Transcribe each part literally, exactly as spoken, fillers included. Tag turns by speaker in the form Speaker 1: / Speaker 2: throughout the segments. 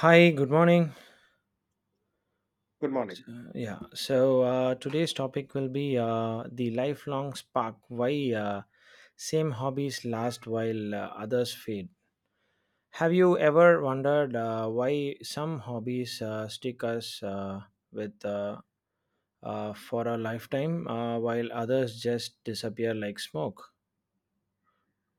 Speaker 1: Hi, good morning.
Speaker 2: Good morning.
Speaker 1: So, yeah, so uh, today's topic will be uh, the lifelong spark. Why uh, same hobbies last while uh, others fade? Have you ever wondered uh, why some hobbies uh, stick us uh, with uh, uh, for a lifetime uh, while others just disappear like smoke?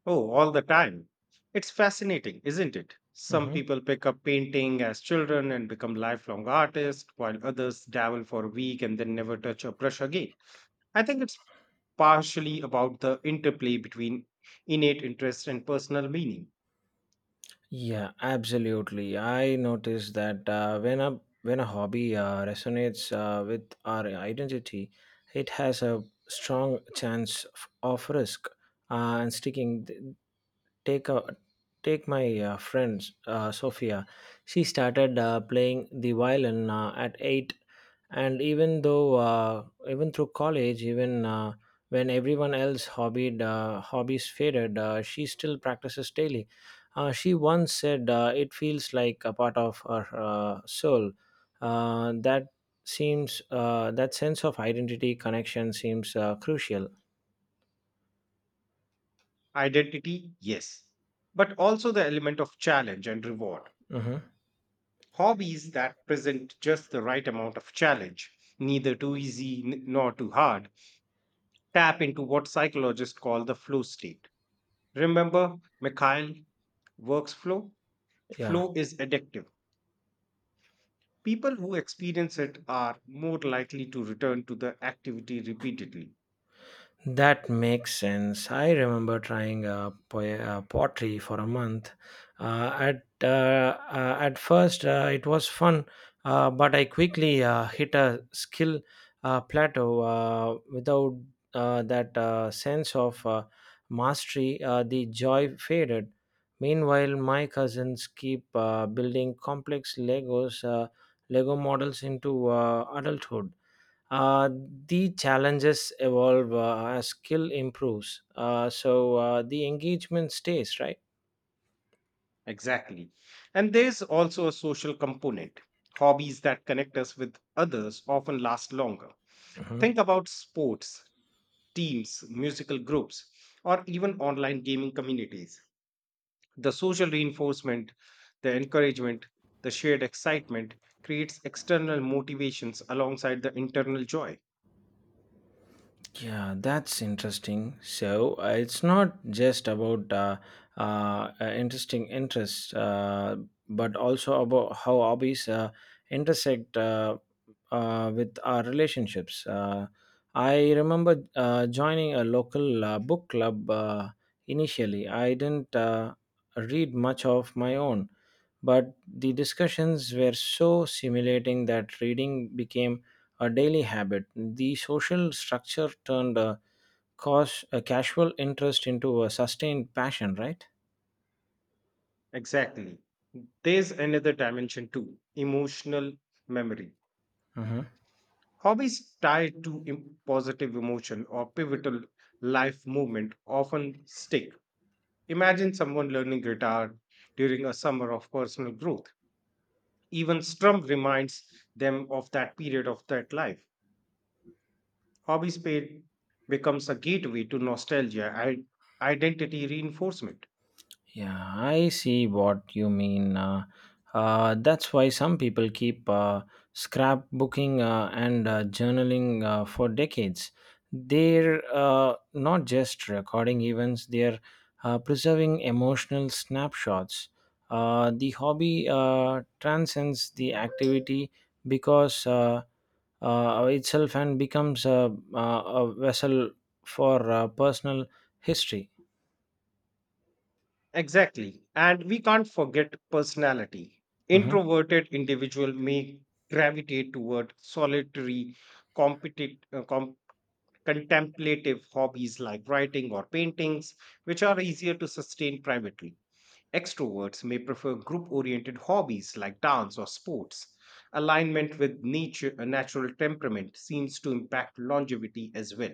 Speaker 2: Oh, all the time. It's fascinating, isn't it? Some
Speaker 1: Mhm.
Speaker 2: people pick up painting as children and become lifelong artists, while others dabble for a week and then never touch a brush again. I think it's partially about the interplay between innate interest and personal meaning.
Speaker 1: Yeah, absolutely. I noticed that uh, when a when a hobby uh, resonates uh, with our identity, it has a strong chance f- of risk uh, and sticking. Th- Take a take my uh, friend uh, Sophia. She started uh, playing the violin uh, at eight, and even though uh, even through college, even uh, when everyone else hobbied uh, hobbies faded. Uh, she still practices daily. Uh, she once said, uh, it feels like a part of her uh, soul. Uh, that seems, uh, that sense of identity connection seems uh, crucial.
Speaker 2: Identity, yes, but also the element of challenge and reward.
Speaker 1: hmm
Speaker 2: Hobbies that present just the right amount of challenge, neither too easy n- nor too hard, tap into what psychologists call the flow state. Remember Mikhail workflow?
Speaker 1: Yeah.
Speaker 2: Flow is addictive. People who experience it are more likely to return to the activity repeatedly.
Speaker 1: That makes sense. I remember trying uh, po- uh, pottery for a month. Uh, at uh, uh, at first, uh, it was fun, uh, but I quickly uh, hit a skill uh, plateau. Uh, without uh, that uh, sense of uh, mastery, uh, the joy faded. Meanwhile, my cousins keep uh, building complex Legos, uh, Lego models into uh, adulthood. Uh, the challenges evolve uh, as skill improves, uh, so uh, the engagement stays, right?
Speaker 2: Exactly. And there's also a social component. Hobbies that connect us with others often last longer.
Speaker 1: Mhm.
Speaker 2: Think about sports, teams, musical groups, or even online gaming communities. The social reinforcement, the encouragement, the shared excitement creates external motivations alongside the internal joy.
Speaker 1: Yeah, that's interesting. So uh, it's not just about uh, uh, uh, interesting interests, uh, but also about how hobbies uh, intersect uh, uh, with our relationships. Uh, I remember uh, joining a local uh, book club uh, initially. I didn't uh, read much of my own, but the discussions were so stimulating that reading became a daily habit. The social structure turned a, cause, a casual interest into a sustained passion, right?
Speaker 2: Exactly. There's another dimension too, emotional memory.
Speaker 1: Mhm.
Speaker 2: Hobbies tied to em- positive emotion or pivotal life movement often stick. Imagine someone learning guitar during a summer of personal growth. Even strum reminds them of that period of that life. Hobby space becomes a gateway to nostalgia and identity reinforcement.
Speaker 1: Yeah, I see what you mean. Uh, uh, that's why some people keep uh, scrapbooking uh, and uh, journaling uh, for decades. They're uh, not just recording events, they're uh, preserving emotional snapshots. Uh, the hobby uh, transcends the activity because uh, uh, itself and becomes a, a a vessel for uh, personal history.
Speaker 2: Exactly. And we can't forget personality.
Speaker 1: Mhm.
Speaker 2: Introverted individual may gravitate toward solitary, competit- uh, com- contemplative hobbies like writing or paintings, which are easier to sustain privately. Extroverts may prefer group oriented hobbies like dance or sports. Alignment with nature, a natural temperament, seems to impact longevity as well.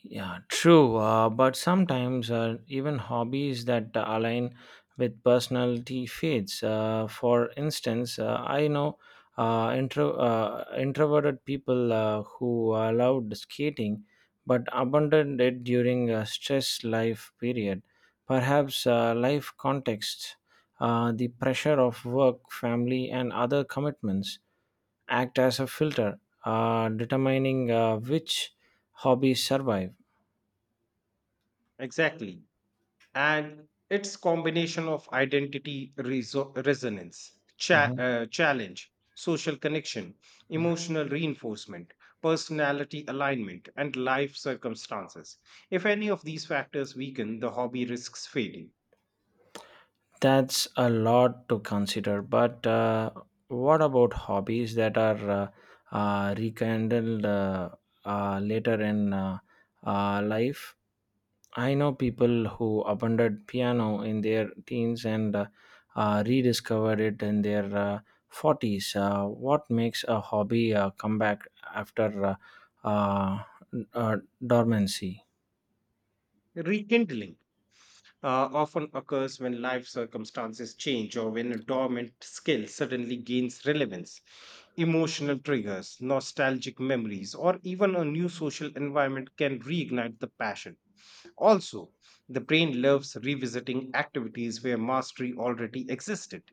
Speaker 1: Yeah, true. Uh, but sometimes uh, even hobbies that align with personality fades. Uh, for instance, uh, I know uh, intro, uh, introverted people uh, who allowed skating but abandoned it during a stress life period. Perhaps uh, life context, uh, the pressure of work, family, and other commitments act as a filter, uh, determining uh, which hobbies survive.
Speaker 2: Exactly. And it's combination of identity reso- resonance, cha-
Speaker 1: Mhm.
Speaker 2: uh, challenge, social connection, emotional reinforcement, personality alignment, and life circumstances. If any of these factors weaken, the hobby risks fading.
Speaker 1: That's a lot to consider. But uh, what about hobbies that are uh, uh, rekindled uh, uh, later in uh, uh, life? I know people who abandoned piano in their teens and uh, uh, rediscovered it in their uh, forties. Uh, what makes a hobby uh, come back after uh, uh, uh, dormancy?
Speaker 2: Rekindling uh, often occurs when life circumstances change or when a dormant skill suddenly gains relevance. Emotional triggers, nostalgic memories, or even a new social environment can reignite the passion. Also, the brain loves revisiting activities where mastery already existed.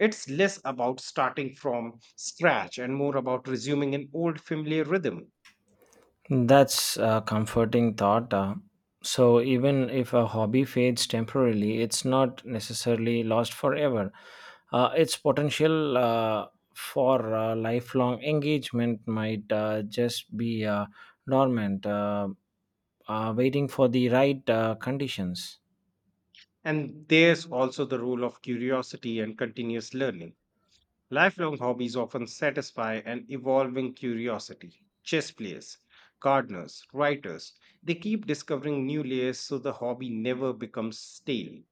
Speaker 2: It's less about starting from scratch and more about resuming an old familiar rhythm.
Speaker 1: That's a comforting thought. Uh, so, even if a hobby fades temporarily, it's not necessarily lost forever. Uh, its potential uh, for uh, lifelong engagement might uh, just be uh, dormant, uh, uh, waiting for the right uh, conditions.
Speaker 2: And there's also the role of curiosity and continuous learning. Lifelong hobbies often satisfy an evolving curiosity. Chess players, gardeners, writers, they keep discovering new layers, so the hobby never becomes stale.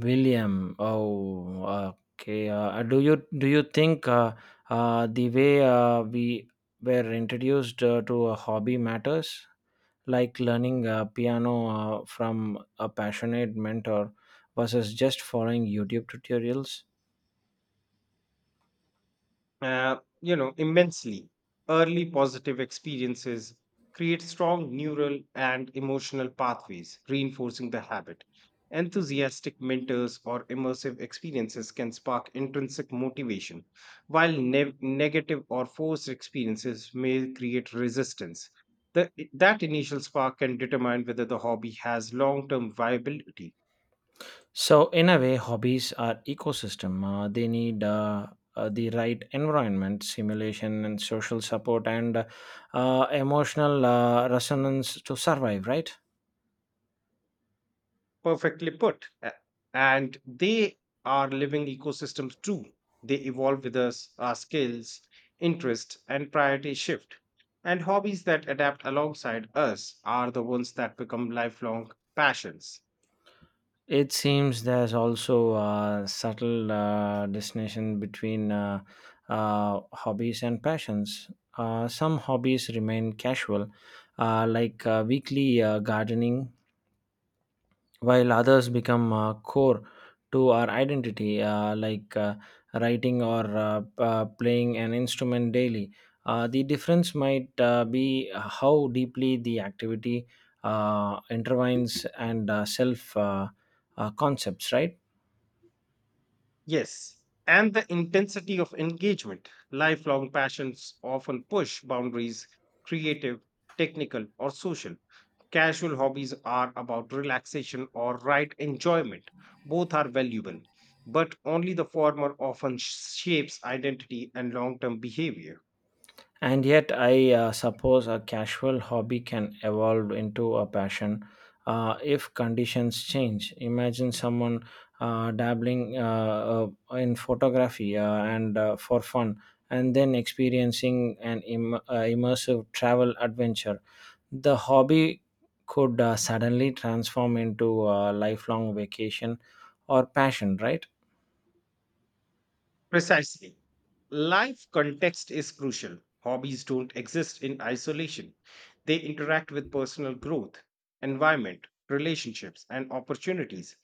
Speaker 1: William, oh, okay. Uh, uh, do you do you think uh, uh, the way uh, we were introduced uh, to a hobby matters? Like learning uh, piano uh, from a passionate mentor versus just following YouTube tutorials.
Speaker 2: uh, you know Immensely early positive experiences create strong neural and emotional pathways, reinforcing the habit. Enthusiastic mentors or immersive experiences can spark intrinsic motivation, while ne- negative or forced experiences may create resistance. The, that initial spark can determine whether the hobby has long-term viability.
Speaker 1: So, in a way, hobbies are ecosystem. Uh, they need uh, uh, the right environment, simulation, and social support, and uh, uh, emotional uh, resonance to survive. Right?
Speaker 2: Perfectly put. A- And they are living ecosystems too. They evolve with us, our skills, interests, and priorities shift. And hobbies that adapt alongside us are the ones that become lifelong passions.
Speaker 1: It seems there's also a subtle uh, distinction between uh, uh, hobbies and passions. Uh, some hobbies remain casual, uh, like uh, weekly uh, gardening, while others become uh, core to our identity, uh, like uh, writing or uh, p- uh, playing an instrument daily. Uh, the difference might uh, be how deeply the activity uh, intertwines and uh, self uh, uh, concepts, right?
Speaker 2: Yes, and the intensity of engagement. Lifelong passions often push boundaries, creative, technical, or social. Casual hobbies are about relaxation or right enjoyment. Both are valuable, but only the former often sh- shapes identity and long term behavior.
Speaker 1: And yet, I uh, suppose a casual hobby can evolve into a passion uh, if conditions change. Imagine someone uh, dabbling uh, uh, in photography uh, and uh, for fun, and then experiencing an Im- uh, immersive travel adventure. The hobby could uh, suddenly transform into a lifelong vacation or passion, right?
Speaker 2: Precisely. Life context is crucial. Hobbies don't exist in isolation, they interact with personal growth, environment, relationships, and opportunities.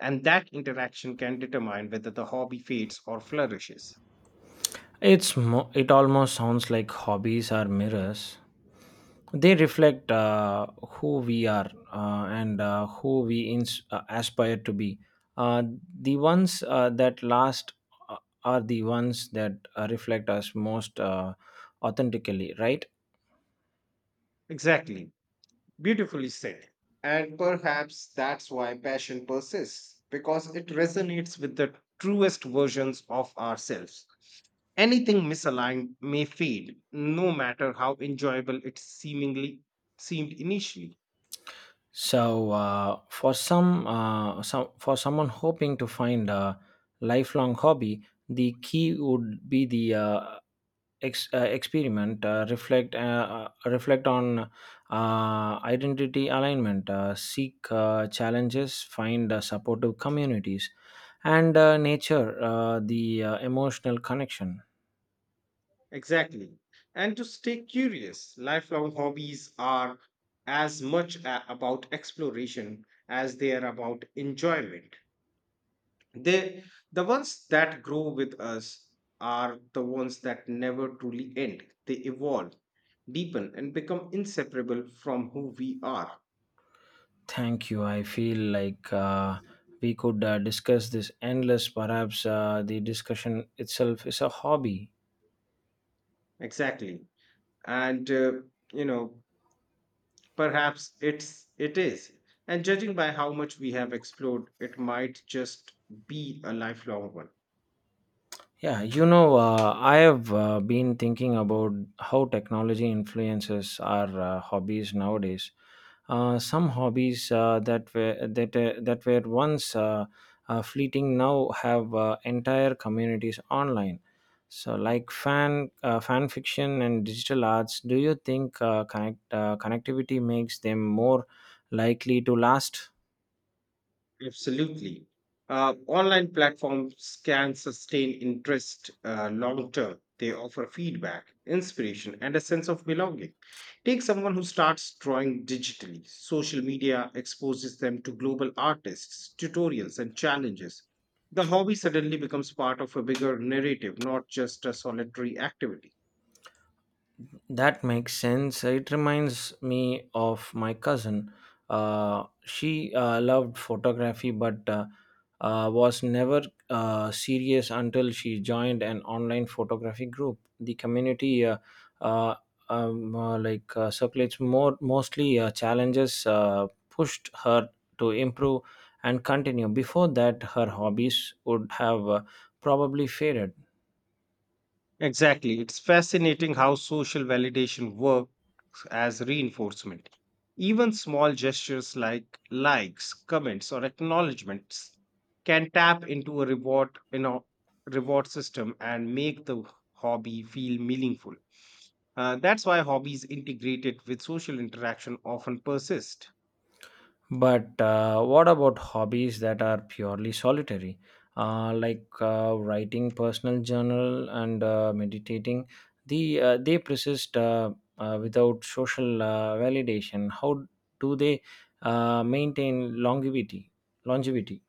Speaker 2: And that interaction can determine whether the hobby fades or flourishes.
Speaker 1: It's mo- it almost sounds like hobbies are mirrors. They reflect uh, who we are uh, and uh, who we ins- uh, aspire to be. Uh, the ones uh, that last uh, are the ones that uh, reflect us most uh, authentically, right?
Speaker 2: Exactly. Beautifully said. And perhaps that's why passion persists, because it resonates with the truest versions of ourselves. Anything misaligned may fade, no matter how enjoyable it seemingly seemed initially.
Speaker 1: So uh, for some, uh, some for someone hoping to find a lifelong hobby, the key would be the uh, ex- uh, experiment, uh, reflect uh, uh, reflect on uh, identity alignment, uh, seek uh, challenges, find uh, supportive communities, and uh, nature uh, the uh, emotional connection.
Speaker 2: Exactly. And to stay curious, lifelong hobbies are as much a- about exploration as they are about enjoyment. They, the ones that grow with us are the ones that never truly end. They evolve, deepen, and become inseparable from who we are.
Speaker 1: Thank you. I feel like uh, we could uh, discuss this endless, perhaps uh, the discussion itself is a hobby.
Speaker 2: Exactly. And, uh, you know, perhaps it's, it is. And judging by how much we have explored, it might just be a lifelong one.
Speaker 1: Yeah, you know, uh, I have uh, been thinking about how technology influences our uh, hobbies nowadays. Uh, some hobbies uh, that were that uh, that were once uh, uh, fleeting now have uh, entire communities online. So, like fan uh, fan fiction and digital arts, do you think uh, connect uh, connectivity makes them more likely to last?
Speaker 2: Absolutely. Uh, online platforms can sustain interest uh, long term. They offer feedback, inspiration, and a sense of belonging. Take someone who starts drawing digitally. Social media exposes them to global artists, tutorials, and challenges. The hobby suddenly becomes part of a bigger narrative, not just a solitary activity.
Speaker 1: That makes sense. It reminds me of my cousin. Uh, she uh, loved photography but uh, uh, was never uh, serious until she joined an online photography group. The community uh, uh, um, uh, like uh, circulates more mostly uh, challenges uh, pushed her to improve and continue. Before that, her hobbies would have uh, probably faded.
Speaker 2: Exactly. It's fascinating how social validation works as reinforcement. Even small gestures like likes, comments, or acknowledgements can tap into a reward you know, reward system and make the hobby feel meaningful. Uh, that's why hobbies integrated with social interaction often persist.
Speaker 1: But uh, what about hobbies that are purely solitary, uh, like uh, writing personal journal and uh, meditating? The uh, they persist uh, uh, without social uh, validation. How do they uh, maintain longevity? Longevity.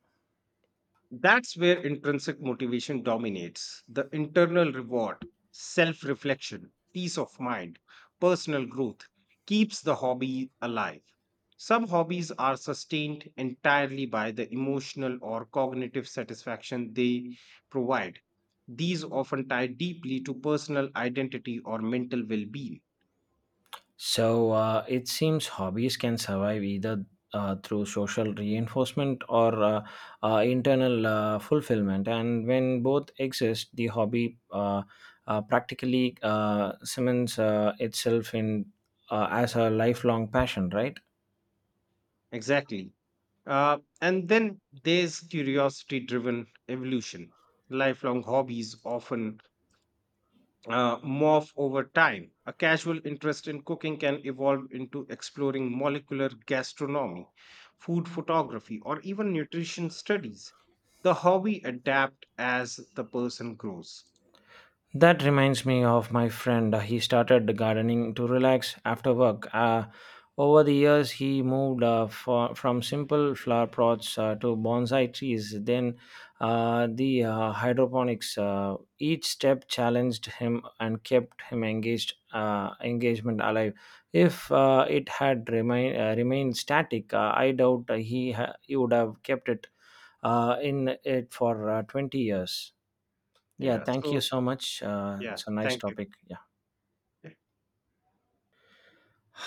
Speaker 2: That's where intrinsic motivation dominates the internal reward, self reflection, peace of mind, personal growth keeps the hobby alive. Some hobbies are sustained entirely by the emotional or cognitive satisfaction they provide. These often tie deeply to personal identity or mental well being.
Speaker 1: So uh, it seems hobbies can survive either uh, through social reinforcement or uh, uh, internal uh, fulfillment. And when both exist, the hobby uh, uh, practically uh, cements uh, itself in uh, as a lifelong passion, right?
Speaker 2: Exactly. Uh, and then there's curiosity driven evolution. Lifelong hobbies often uh, morph over time. A casual interest in cooking can evolve into exploring molecular gastronomy, food photography, or even nutrition studies. The hobby adapt as the person grows.
Speaker 1: That reminds me of my friend. He started gardening to relax after work. Uh, over the years, he moved uh, for, from simple flower pots uh, to bonsai trees, then uh, the uh, hydroponics. Uh, each step challenged him and kept him engaged, uh, engagement alive. If uh, it had remain, uh, remained static, uh, I doubt he, ha- he would have kept it uh, in it for uh, twenty years. Yeah,
Speaker 2: Yeah.
Speaker 1: thank you
Speaker 2: So,
Speaker 1: so much. Uh,
Speaker 2: yeah,
Speaker 1: it's a nice
Speaker 2: thank you.
Speaker 1: topic. Yeah.